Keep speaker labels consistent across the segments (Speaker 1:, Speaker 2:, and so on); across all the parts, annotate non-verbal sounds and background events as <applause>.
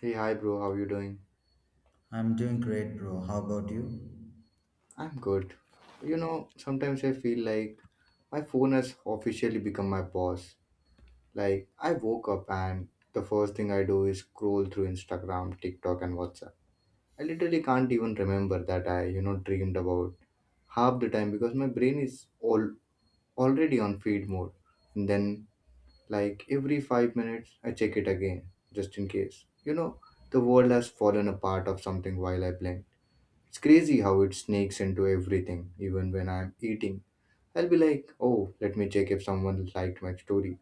Speaker 1: Hey, hi, bro. How you doing?
Speaker 2: I'm doing great, bro. How about you?
Speaker 1: I'm good. You know, sometimes I feel like my phone has officially become my boss. Like, I woke up and the first thing I do is scroll through Instagram, TikTok, and WhatsApp. I literally can't even remember that I, you know, dreamed about half the time because my brain is all already on feed mode. And then, like, every 5 minutes, I check it again, just in case. You know, the world has fallen apart of something while I blink. It's crazy how it sneaks into everything, even when I'm eating. I'll be like, oh, let me check if someone liked my story.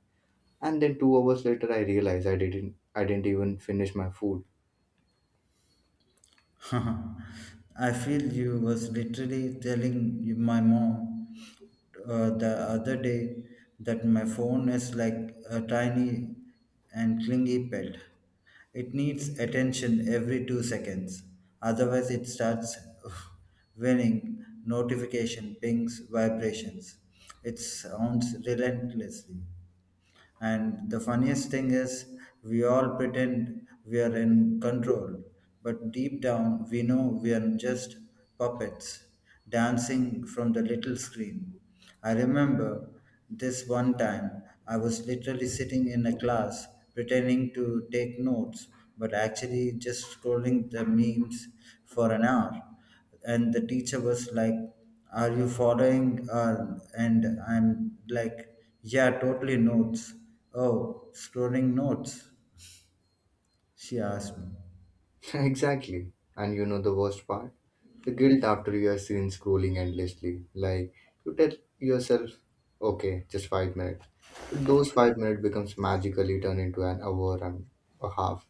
Speaker 1: And then 2 hours later I realize I didn't even finish my food.
Speaker 2: <laughs> I feel you was literally my mom the other day that my phone is like a tiny and clingy pet. It needs attention every 2 seconds. Otherwise, it starts <laughs> whining, notification, pings, vibrations. It sounds relentlessly. And the funniest thing is, we all pretend we are in control, but deep down, we know we are just puppets dancing from the little screen. I remember this one time, I was literally sitting in a class pretending to take notes, but actually just scrolling the memes for an hour. And the teacher was like, are you following, and I'm like, yeah, totally notes. Oh, scrolling notes, she asked me.
Speaker 1: <laughs> Exactly. And you know the worst part? The guilt after you are seen scrolling endlessly. Like you tell yourself, okay, just 5 minutes. But those 5 minutes becomes magically turned into an hour and a half.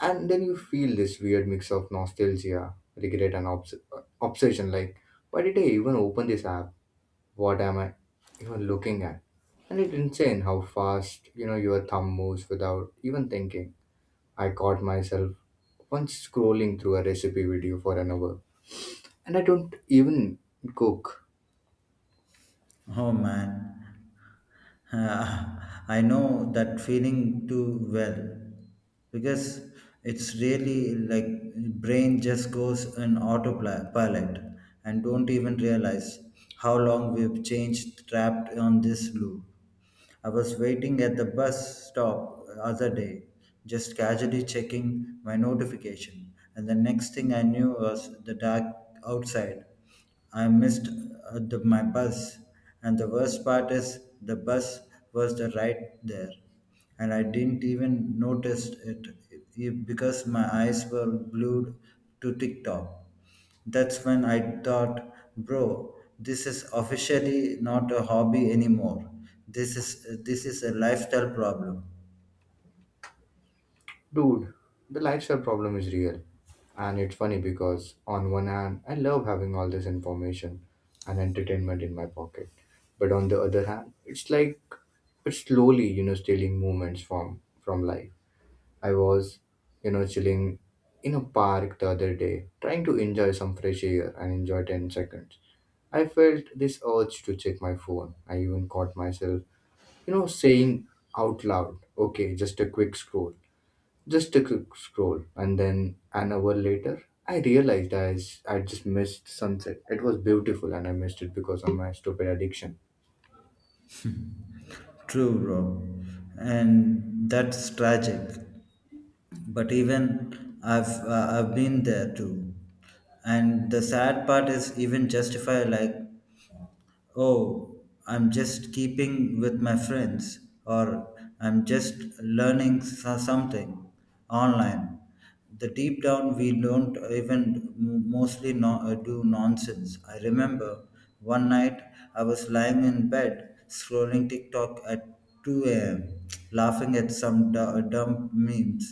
Speaker 1: And then you feel this weird mix of nostalgia, regret, and obsession, like, why did I even open this app? What am I even looking at? And it's insane how fast, you know, your thumb moves without even thinking. I caught myself once scrolling through a recipe video for an hour, and I don't even cook.
Speaker 2: Oh man, <laughs> I know that feeling too well because it's really like brain just goes on autopilot and don't even realize how long we've changed trapped on this loop. I was waiting at the bus stop other day, just casually checking my notification, and the next thing I knew was the dark outside. I missed my bus, and the worst part is the bus was the right there, and I didn't even notice it because my eyes were glued to TikTok. That's when I thought, bro, this is officially not a hobby anymore. This is a lifestyle problem.
Speaker 1: Dude, the lifestyle problem is real. And it's funny because, on one hand, I love having all this information and entertainment in my pocket. But on the other hand, it's like it's slowly, you know, stealing moments from life. I was, you know, chilling in a park the other day, trying to enjoy some fresh air and enjoy 10 seconds. I felt this urge to check my phone. I even caught myself, you know, saying out loud, okay, just a quick scroll. Just a quick scroll, and then an hour later, I realized I just missed sunset. It was beautiful, and I missed it because of my stupid addiction.
Speaker 2: True, bro, and that's tragic. But even I've been there too. And the sad part is even justify, like, oh, I'm just keeping with my friends, or I'm just learning something online. The deep down we don't even mostly no, do nonsense. I remember one night I was lying in bed scrolling TikTok at 2 a.m laughing at some dumb memes,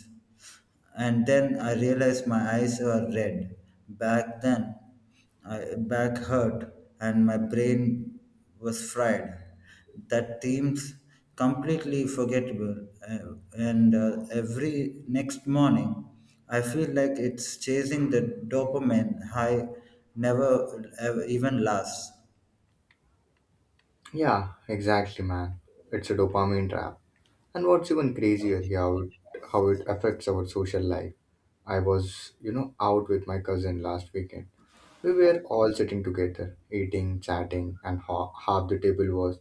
Speaker 2: and then I realized my eyes were red. Back then, back hurt, and my brain was fried. That seems completely forgettable. And Every next morning, I feel like it's chasing the dopamine high never ever, even lasts.
Speaker 1: Yeah, exactly, man. It's a dopamine trap. And what's even crazier, here, how how it affects our social life. I was, you know, out with my cousin last weekend. We were all sitting together, eating, chatting, and half the table was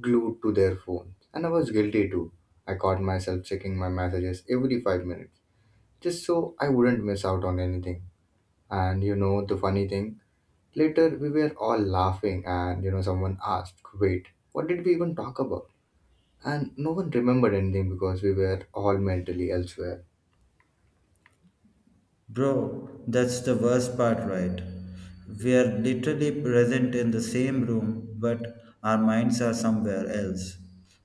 Speaker 1: glued to their phones. And I was guilty too. I caught myself checking my messages every 5 minutes, just so I wouldn't miss out on anything. And you know, the funny thing, later we were all laughing, and you know, someone asked, "Wait, what did we even talk about?" And no one remembered anything because we were all mentally elsewhere.
Speaker 2: Bro, that's the worst part, right? We are literally present in the same room, but our minds are somewhere else.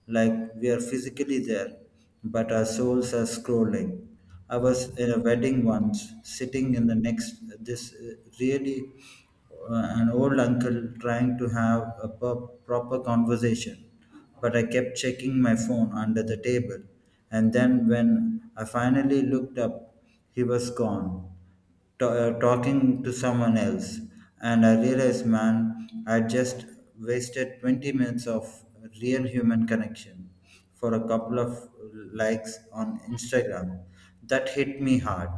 Speaker 2: Like we are physically there, but our souls are scrolling. I was in a wedding once, sitting in the next, this really an old uncle trying to have a proper conversation, but I kept checking my phone under the table, and then when I finally looked up, he was gone, talking to someone else. And I realized, man, I just wasted 20 minutes of real human connection for a couple of likes on Instagram. That hit me hard.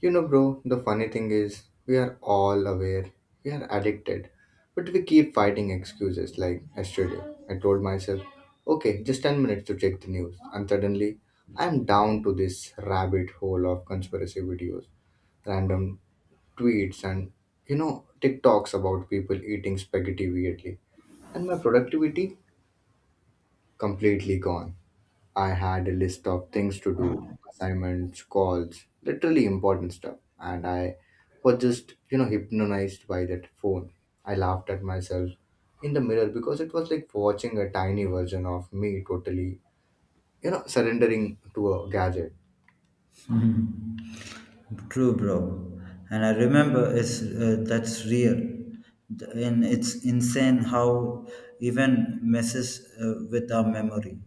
Speaker 1: You know, bro, the funny thing is, we are all aware, we are addicted, but we keep fighting excuses. Like yesterday, I told myself, okay, just 10 minutes to check the news, and suddenly I'm down to this rabbit hole of conspiracy videos, random tweets, and you know, TikToks about people eating spaghetti weirdly, and my productivity completely gone. I had a list of things to do, assignments, calls, literally important stuff, and I was just, you know, hypnotized by that phone. I laughed at myself in the mirror because it was like watching a tiny version of me totally, you know, surrendering to a gadget.
Speaker 2: <laughs> Mhm. True, bro. And I remember that's real. And it's insane how even messes with our memory.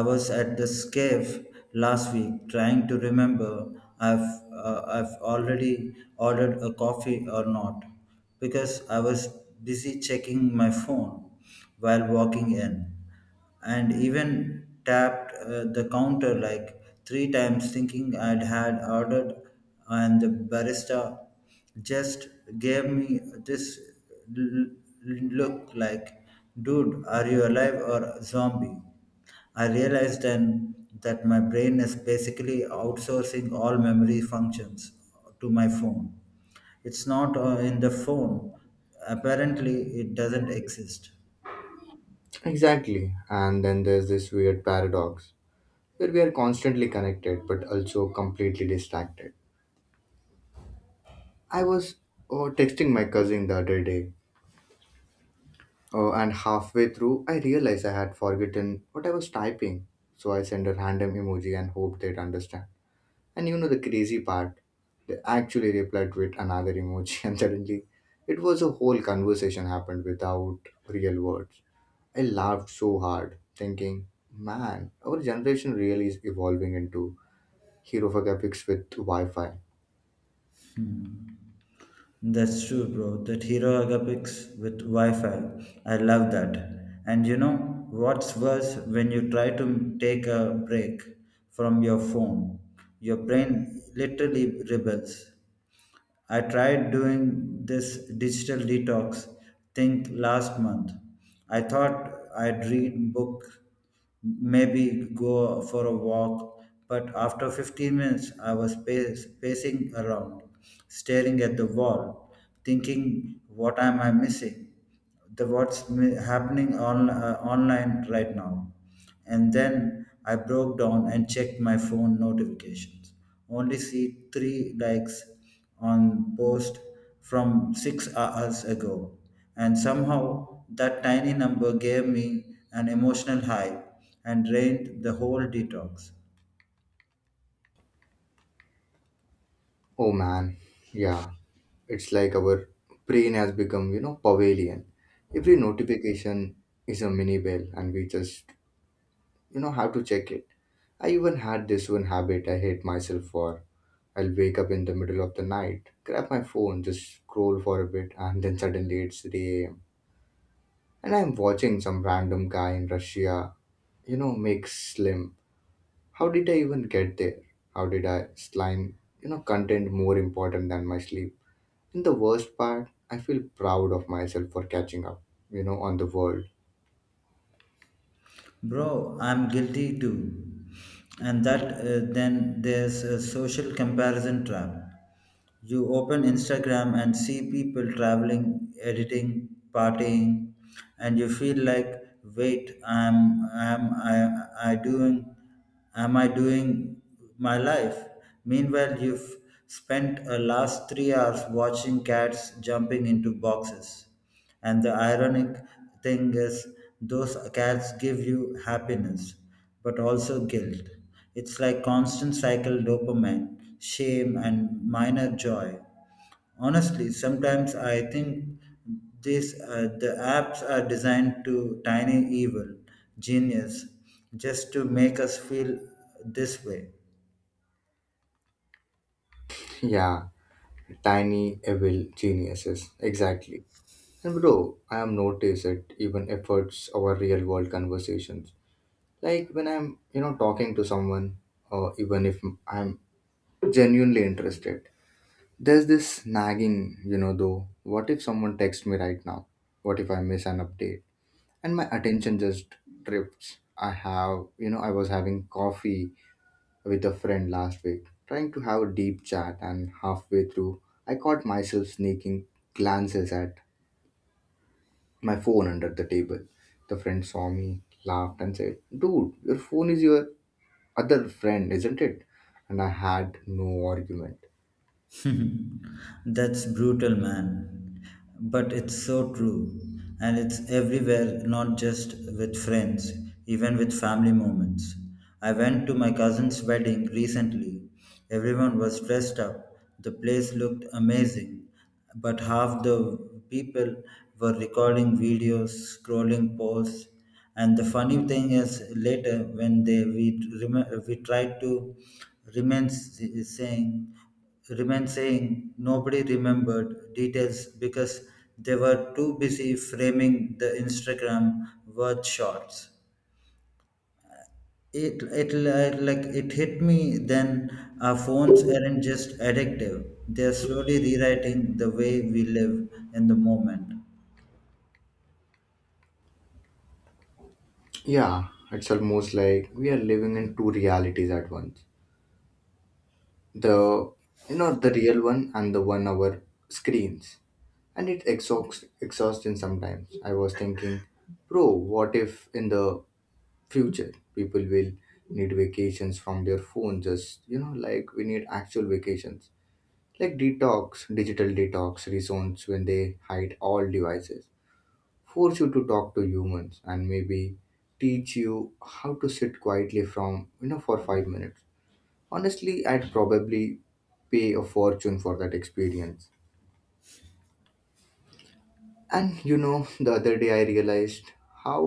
Speaker 2: I was at this cave last week trying to remember I've, I've already ordered a coffee or not because I was busy checking my phone while walking in, and even tapped the counter like three times, thinking I'd had ordered, and the barista just gave me this l- look like, dude, are you alive or zombie? I realized then that my brain is basically outsourcing all memory functions to my phone. It's not in the phone. Apparently, it doesn't exist.
Speaker 1: Exactly, and then there's this weird paradox where we are constantly connected but also completely distracted. I was, oh, texting my cousin the other day, oh, and halfway through, I realized I had forgotten what I was typing. So I sent a random emoji and hoped they'd understand. And you know the crazy part? They actually replied with another emoji, <laughs> and suddenly it was a whole conversation happened without real words. I laughed so hard, thinking, man, our generation really is evolving into hero graphics with Wi Fi.
Speaker 2: Hmm. That's true, bro. That hero agapics with Wi-Fi. I love that. And you know what's worse when you try to take a break from your phone, your brain literally rebels. I tried doing this digital detox thing last month. I thought I'd read book, maybe go for a walk, but after 15 minutes I was pacing around, staring at the wall, thinking what am I missing? Happening on online right now. And then I broke down and checked my phone notifications, only see three likes on post from 6 hours ago, and somehow that tiny number gave me an emotional high and drained the whole detox.
Speaker 1: Oh man, yeah, it's like our brain has become, you know, pavilion. Every notification is a mini bell, and we just, you know, have to check it. I even had this one habit I hate myself for. I'll wake up in the middle of the night, grab my phone, just scroll for a bit, and then suddenly it's 3 a.m. And I'm watching some random guy in Russia, you know, make slim. How did I even get there? How did I slime, you know, content more important than my sleep? And the worst part, I feel proud of myself for catching up, you know, on the world. <laughs>
Speaker 2: Bro, I'm guilty too. And that Then there's a social comparison trap. You open Instagram and see people traveling, editing, partying, and you feel like, wait, am I doing my life? Meanwhile, you've spent a last 3 hours watching cats jumping into boxes. And the ironic thing is, those cats give you happiness but also guilt. It's like constant cycle dopamine, shame and minor joy. Honestly, sometimes I think the apps are designed to tiny evil genius just to make us feel this way.
Speaker 1: Yeah, tiny evil geniuses, exactly. And bro, I have noticed it even efforts our real world conversations. Like when I'm, you know, talking to someone, or even if I'm genuinely interested, there's this nagging, you know, though, what if someone texts me right now? What if I miss an update? And my attention just drifts. I have, you know, I was having coffee with a friend last week, trying to have a deep chat, and halfway through, I caught myself sneaking glances at my phone under the table. The friend saw me, laughed, and said, "Dude, your phone is your other friend, isn't it?" And I had no argument.
Speaker 2: <laughs> That's brutal, man. But it's so true. And it's everywhere, not just with friends, even with family moments. I went to my cousin's wedding recently. Everyone was dressed up. The place looked amazing. But half the people were recording videos, scrolling posts. And the funny thing is, later when they we, rem- we tried to remain s- saying, remain saying, nobody remembered details because they were too busy framing the Instagram worth shots. Like it hit me then our phones aren't just addictive. They're slowly rewriting the way we live in the moment.
Speaker 1: Yeah, it's almost like we are living in two realities at once. The, you know, the real one and the one our screens. And it exhausts exhausting sometimes. I was thinking, bro, what if in the future people will need vacations from their phone, just, you know, like we need actual vacations, like detox, digital detox reasons when they hide all devices, force you to talk to humans, and maybe teach you how to sit quietly from, you know, for 5 minutes. Honestly, I'd probably pay a fortune for that experience. And you know, <laughs> the other day I realized how,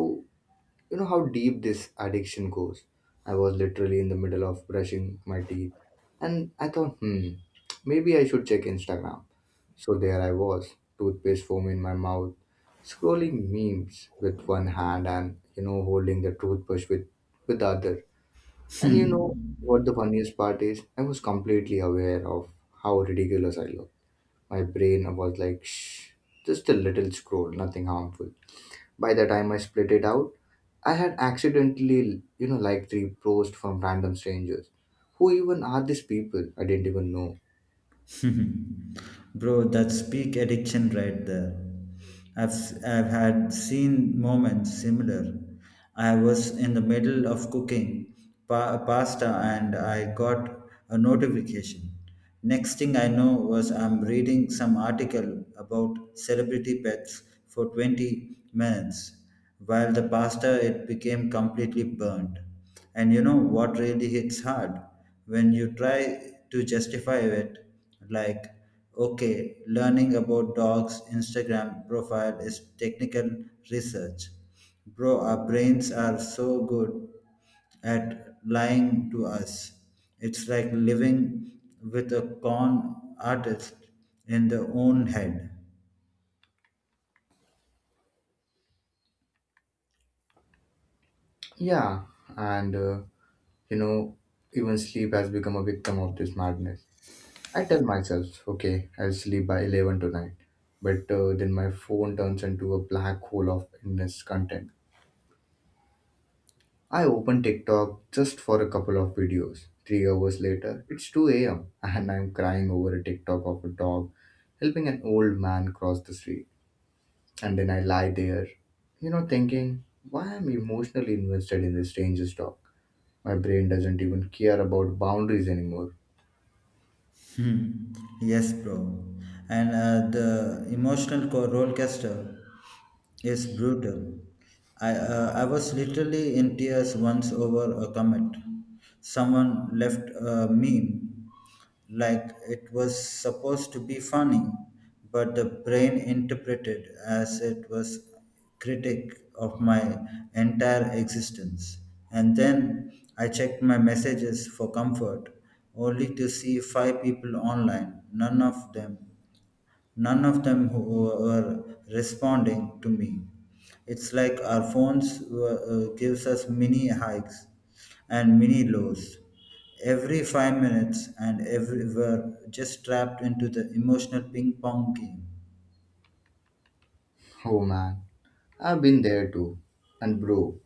Speaker 1: you know, how deep this addiction goes. I was literally in the middle of brushing my teeth and I thought, hmm, maybe I should check Instagram. So there I was, toothpaste foam in my mouth, scrolling memes with one hand and, you know, holding the toothbrush with the other. And you know
Speaker 2: Hmm.
Speaker 1: what the funniest part is? I was completely aware of how ridiculous I looked. My brain was like, shh, just a little scroll, nothing harmful. By the time I split it out, I had accidentally, you know, liked three posts from random strangers. Who even are these people? I didn't even know.
Speaker 2: <laughs> Bro, that's peak addiction right there. I've I've had seen moments similar. I was in the middle of cooking pasta and I got a notification. Next thing I know was I'm reading some article about celebrity pets for 20 minutes. While the pasta it became completely burnt. And you know what really hits hard? When you try to justify it, like, okay, learning about dogs' Instagram profile is technical research. Bro, our brains are so good at lying to us. It's like living with a con artist in their own head.
Speaker 1: Yeah, and you know, even sleep has become a victim of this madness. I tell myself, okay, I'll sleep by 11 tonight, but then my phone turns into a black hole of endless content. I open TikTok just for a couple of videos. 3 hours later, it's 2 a.m. <laughs> and I'm crying over a TikTok of a dog helping an old man cross the street. And then I lie there, you know, thinking, why am I emotionally invested in this stranger's talk? My brain doesn't even care about boundaries anymore.
Speaker 2: Hmm. Yes, bro. And The emotional roller coaster is brutal. I was literally in tears once over a comment. Someone left a meme like it was supposed to be funny, but the brain interpreted as it was critic of my entire existence. And then I checked my messages for comfort, only to see five people online, None of them who were responding to me. It's like our gives us mini hikes and mini lows every 5 minutes, and every, we're just trapped into the emotional ping pong game.
Speaker 1: <laughs> Oh man, I've been there too. And bro,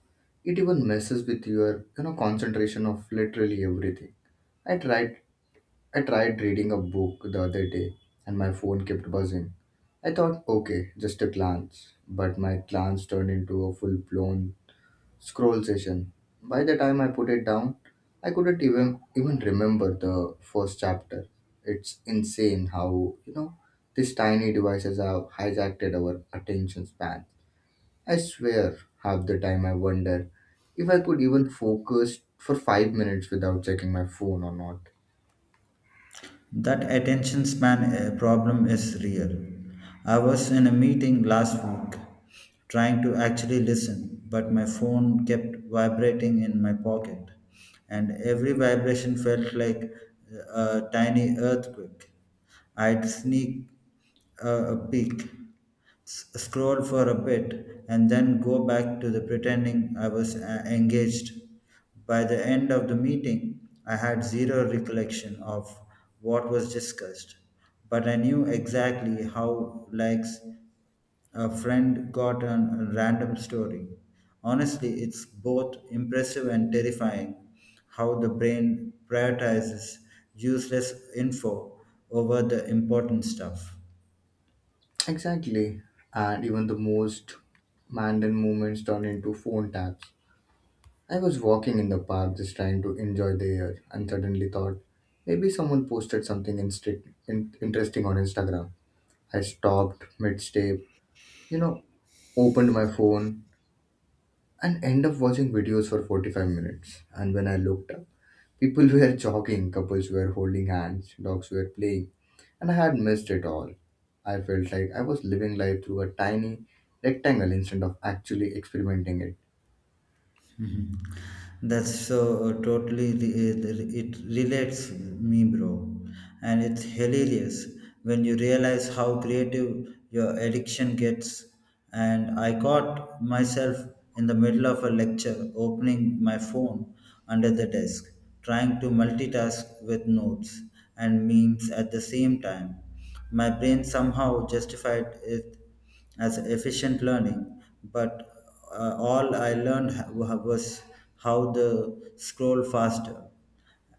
Speaker 1: it even messes with your, you know, concentration of literally everything. I tried I tried reading a book the other day and my phone kept buzzing. I thought, okay, just a glance, but my glance turned into a full blown scroll session. By the time I put it down, I couldn't even remember the first chapter. It's insane how, you know, these tiny devices have hijacked our attention span. I swear, half the time I wonder if I could even focus for 5 minutes without checking my phone or not.
Speaker 2: That attention span problem is real. I was in a meeting last week trying to actually listen, but my phone kept vibrating in my pocket, and every vibration felt like a tiny earthquake. I'd sneak a peek scroll for a bit, and then go back to the pretending I was engaged. By the end of the meeting, I had zero recollection of what was discussed, but I knew exactly how likes a friend got on a random story. Honestly, it's both impressive and terrifying how the brain prioritizes useless info over the important stuff.
Speaker 1: Exactly. And even the most mundane moments turn into phone taps. I was walking in the park just trying to enjoy the air and suddenly thought, maybe someone posted something interesting on Instagram. I stopped mid step, you know, opened my phone and end up watching videos for 45 minutes. And when I looked, people were jogging, couples were holding hands, dogs were playing, and I had missed it all. I felt like I was living life through a tiny rectangle instead of actually experimenting it.
Speaker 2: Mhm. That's so uh, totally re- uh, it relates me, bro, and it's hilarious when you realize how creative your addiction gets. And I caught myself in the middle of a lecture opening my phone under the desk, trying to multitask with notes and memes at the same time. My brain somehow justified it as efficient learning, but all I learned was how to scroll faster.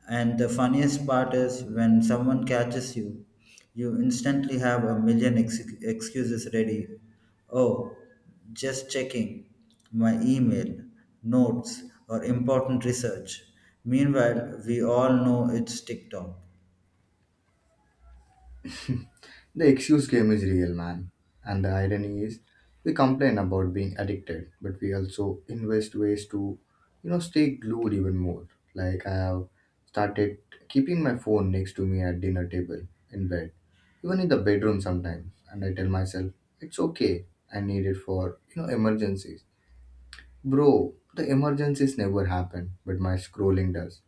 Speaker 2: And the funniest part is when someone catches you, you instantly have a million excuses ready. Oh, just checking my email, notes, or important research. Meanwhile, we all know it's TikTok.
Speaker 1: The excuse game is real, man. And the irony is, we complain about being addicted, but we also invest ways to, you know, stay glued even more. Like I have started keeping my phone next to me at dinner table, in bed, even in the bedroom sometimes. And I tell myself, it's okay. I need it for, you know, emergencies. Bro, the emergencies never happen, but my scrolling does.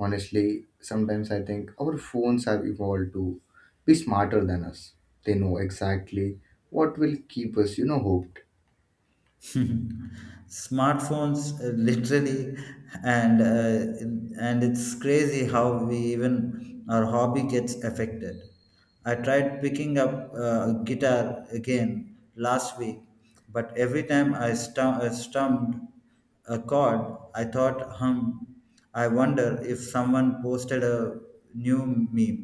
Speaker 1: Honestly, sometimes I think our phones have evolved to be smarter than us. They know exactly what will keep us, you know, hooked.
Speaker 2: <laughs> Smartphones, literally. And it's crazy how we even our hobby gets affected. I tried picking up guitar again last week, but every time I stumped a chord I thought, hum, I wonder if someone posted a new meme.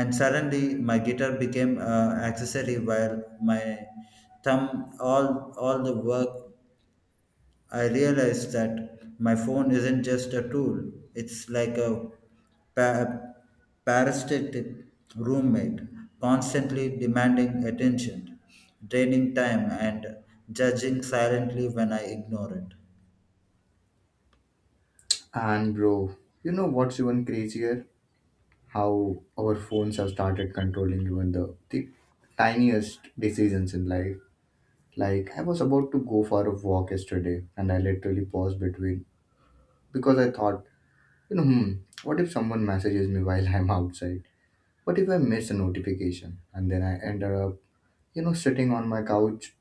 Speaker 2: And suddenly my guitar became accessory while my thumb all all the work. I realized that my phone isn't just a tool. It's like a pa- parasitic roommate, constantly demanding attention, draining time, and judging silently when I ignore it.
Speaker 1: And bro, you know what's even crazier? How our phones have started controlling even the tiniest decisions in life. Like I was about to go for a walk yesterday and I literally paused between because I thought, you know, hmm, what if someone messages me while <laughs> I'm outside? What if I miss a notification? And then I ended up sitting on my couch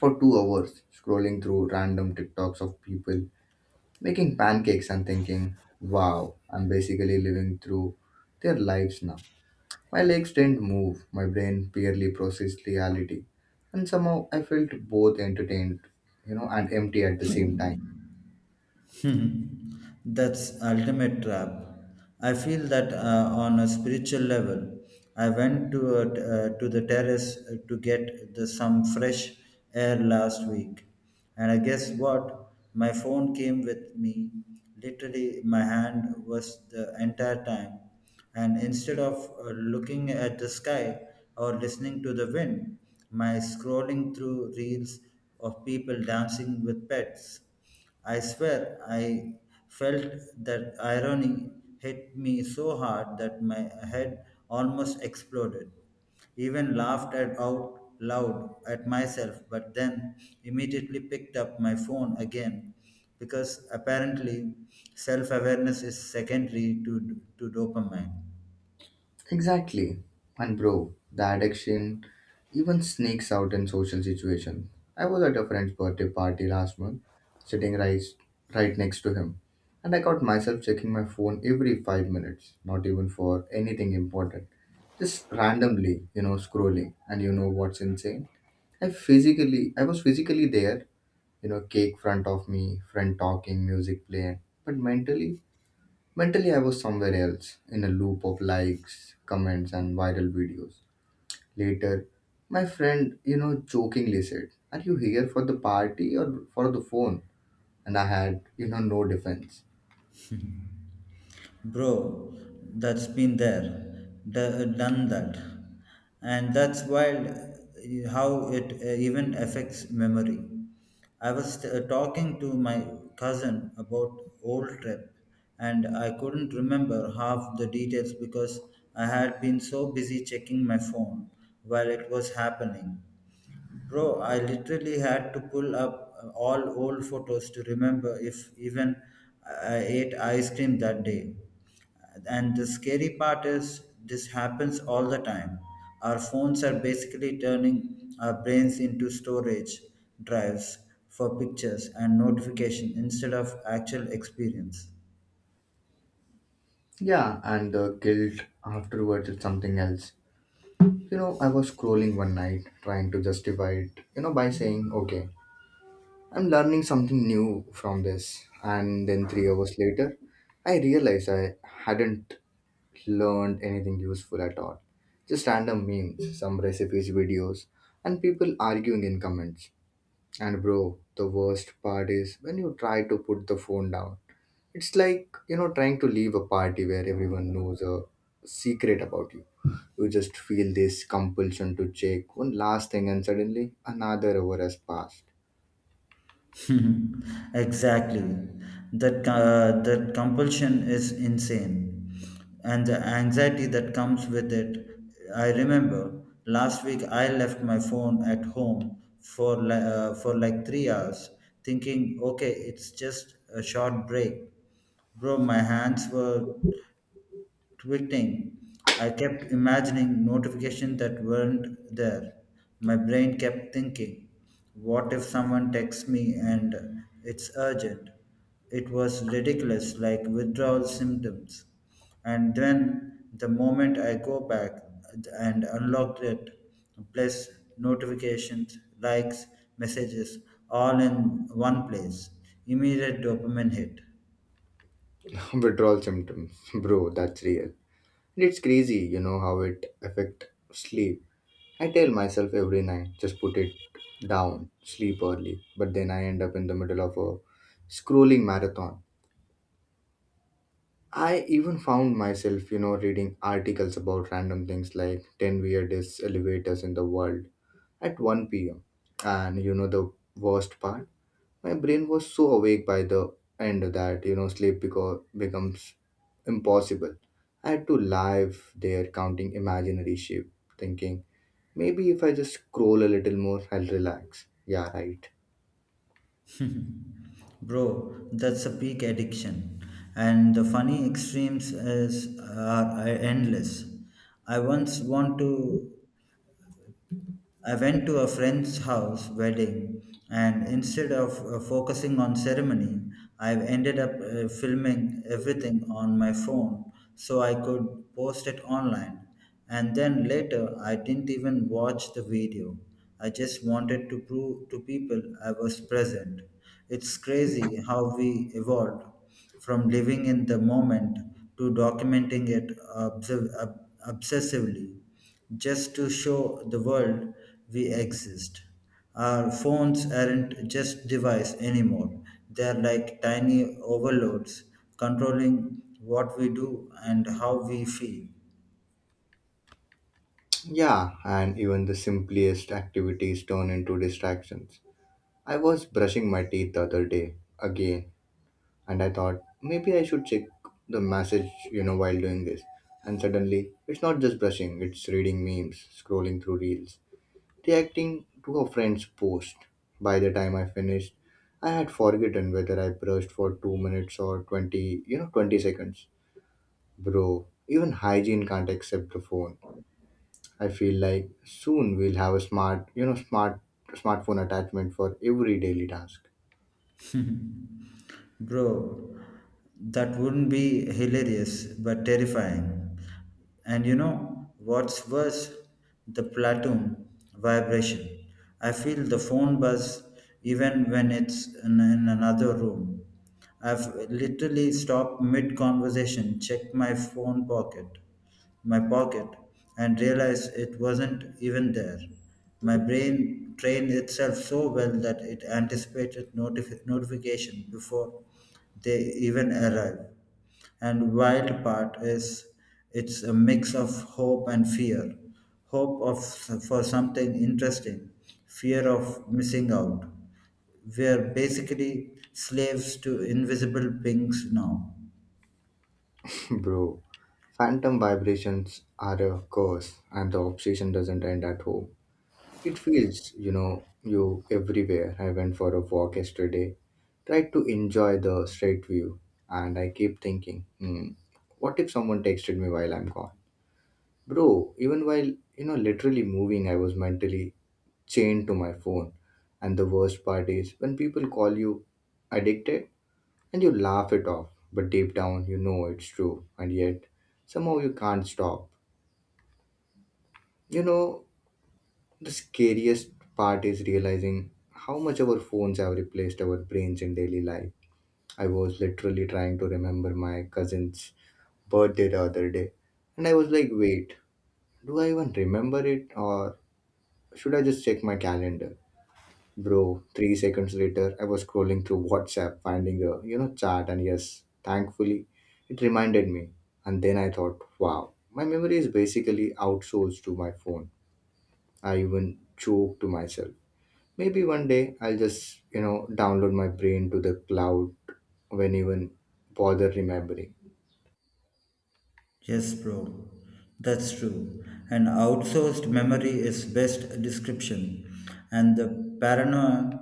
Speaker 1: for 2 hours, scrolling through random TikToks of people making pancakes and thinking, wow, I'm basically living through their lives now. My legs didn't move, my brain barely processed reality, and somehow I felt both entertained, and empty at the same time.
Speaker 2: <laughs> That's ultimate trap. I feel that on a spiritual level. I went to to the terrace to get some fresh air last week, and I guess what? My phone came with me. Literally, my hand was the entire time, and instead of looking at the sky or listening to the wind, my scrolling through reels of people dancing with pets. I swear I felt that irony hit me so hard that my head almost exploded. Even laughed at out loud at myself, but then immediately picked up my phone again because apparently self awareness is secondary to dopamine.
Speaker 1: Exactly. And bro, the addiction even sneaks out in social situations. I was at a friend's birthday party last month, sitting right next to him, and I caught myself checking my phone every 5 minutes, not even for anything important. Just randomly, scrolling. And you know what's insane? I was physically there, you know, cake front of me, friend talking, music playing, but mentally, I was somewhere else, in a loop of likes, comments, and viral videos. Later, my friend, jokingly said, "Are you here for the party or for the phone?" And I had, no defense.
Speaker 2: Bro, that's been there done that. And that's wild how it even affects memory. I was talking to my cousin about old trip, and I couldn't remember half the details because I had been so busy checking my phone while it was happening. Bro, I literally had to pull up all old photos to remember if even I ate ice cream that day. And the scary part is, this happens all the time. Our phones are basically turning our brains into storage drives for pictures and notification instead of actual experience.
Speaker 1: Yeah, and the guilt afterwards is something else. You know, I was scrolling one night trying to justify it, you know, by saying, okay, I'm learning something new from this. And then 3 hours later, I realized I hadn't learned anything useful at all. Just random memes, some recipes, videos, and people arguing in comments. And bro, the worst part is when you try to put the phone down. It's like, you know, trying to leave a party where everyone knows a secret about you. You just feel this compulsion to check one last thing, and suddenly another hour has passed.
Speaker 2: <laughs> Exactly. That compulsion is insane, and the anxiety that comes with it. I remember last week I left my phone at home for for like 3 hours, thinking, okay, it's just a short break. Bro, my hands were tweeting. I kept imagining notifications that weren't there. My brain kept thinking, what if someone texts me and it's urgent? It was ridiculous, like withdrawal symptoms. And then the moment I go back and unlock it, plus notifications, likes, messages, all in one place, immediate dopamine hit.
Speaker 1: <laughs> Withdrawal symptoms, <laughs> bro, that's real. And it's crazy, you know, how it affect sleep. I tell myself every night, just put it down, sleep early, but then I end up in the middle of a scrolling marathon. I even found myself, you know, reading articles about random things like 10 weirdest elevators in the world at 1 pm. And you know, the worst part? My brain was so awake by the end that, you know, becomes impossible. I had to live there counting imaginary sheep, thinking, maybe if I just scroll a little more, I'll relax. Yeah, right.
Speaker 2: Bro, that's a peak addiction. And the funny extremes is, are endless. I once want to I went to a friend's house wedding, and instead of focusing on ceremony, I ended up filming everything on my phone so I could post it online. And then later, I didn't even watch the video. I just wanted to prove to people I was present. It's crazy how we evolved from living in the moment to documenting it observ- ob- obsessively, just to show the world we exist. Our phones aren't just device anymore. They're like tiny overloads controlling what we do and how we feel.
Speaker 1: Yeah, and even the simplest activities turn into distractions. I was brushing my teeth the other day again, and I thought maybe I should check the message, you know, while doing this. And suddenly, it's not just brushing, it's reading memes, scrolling through reels, reacting to a friend's post. By the time I finished, I had forgotten whether I brushed for 2 minutes or 20 seconds. Bro, even hygiene can't accept the phone. I feel like soon we'll have a smart, smartphone attachment for every daily task.
Speaker 2: <laughs> Bro, that wouldn't be hilarious, but terrifying. And you know what's worse? The platoon vibration. I feel the phone buzz even when it's in another room. I've literally stopped mid conversation, checked my pocket, and realized it wasn't even there. My brain trained itself so well that it anticipated notification before they even arrive. And wild part is it's a mix of hope and fear. Hope of for something interesting, fear of missing out. We are basically slaves to invisible pings now.
Speaker 1: <laughs> Bro, phantom vibrations are a curse and the obsession doesn't end at home. It feels, you know, you everywhere. I went for a walk yesterday, tried to enjoy the straight view, and I keep thinking, hmm, what if someone texted me while I'm gone? Bro, even while, you know, literally moving, I was mentally chained to my phone. And the worst part is when people call you addicted and you laugh it off, but deep down you know it's true, and yet somehow you can't stop. You know, the scariest part is realizing how much our phones have replaced our brains in daily life. I was literally trying to remember my cousin's birthday the other day, and I was like, wait, do I even remember it, or should I just check my calendar? Bro, 3 seconds later, I was scrolling through WhatsApp, finding the, you know, chat, and yes, thankfully, it reminded me. And then I thought, wow, my memory is basically outsourced to my phone. I even joke to myself. Maybe one day I'll just, you know, download my brain to the cloud when even bother remembering.
Speaker 2: Yes, bro. That's true. An outsourced memory is best description, and the paranoia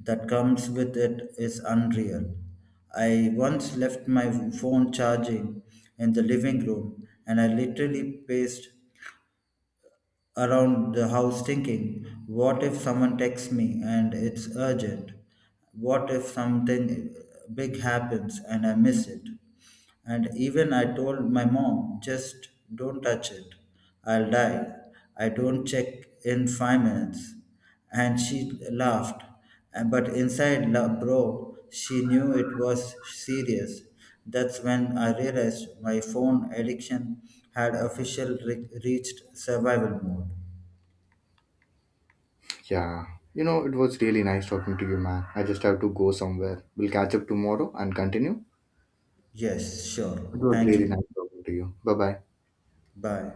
Speaker 2: that comes with it is unreal. I once left my phone charging in the living room, and I literally paced around the house thinking, what if someone texts me and it's urgent? What if something big happens and I miss it? And even I told my mom, just don't touch it. I'll die. I don't check in 5 minutes. And she laughed But inside, la, bro, she knew it was serious. That's when I realized my phone addiction had officially reached survival mode.
Speaker 1: Yeah. You know, it was really nice talking to you, man. I just have to go somewhere. We'll catch up tomorrow and continue.
Speaker 2: Yes,
Speaker 1: It
Speaker 2: sure.
Speaker 1: was
Speaker 2: Thank
Speaker 1: really
Speaker 2: you.
Speaker 1: nice talking to you. Bye bye.
Speaker 2: Bye.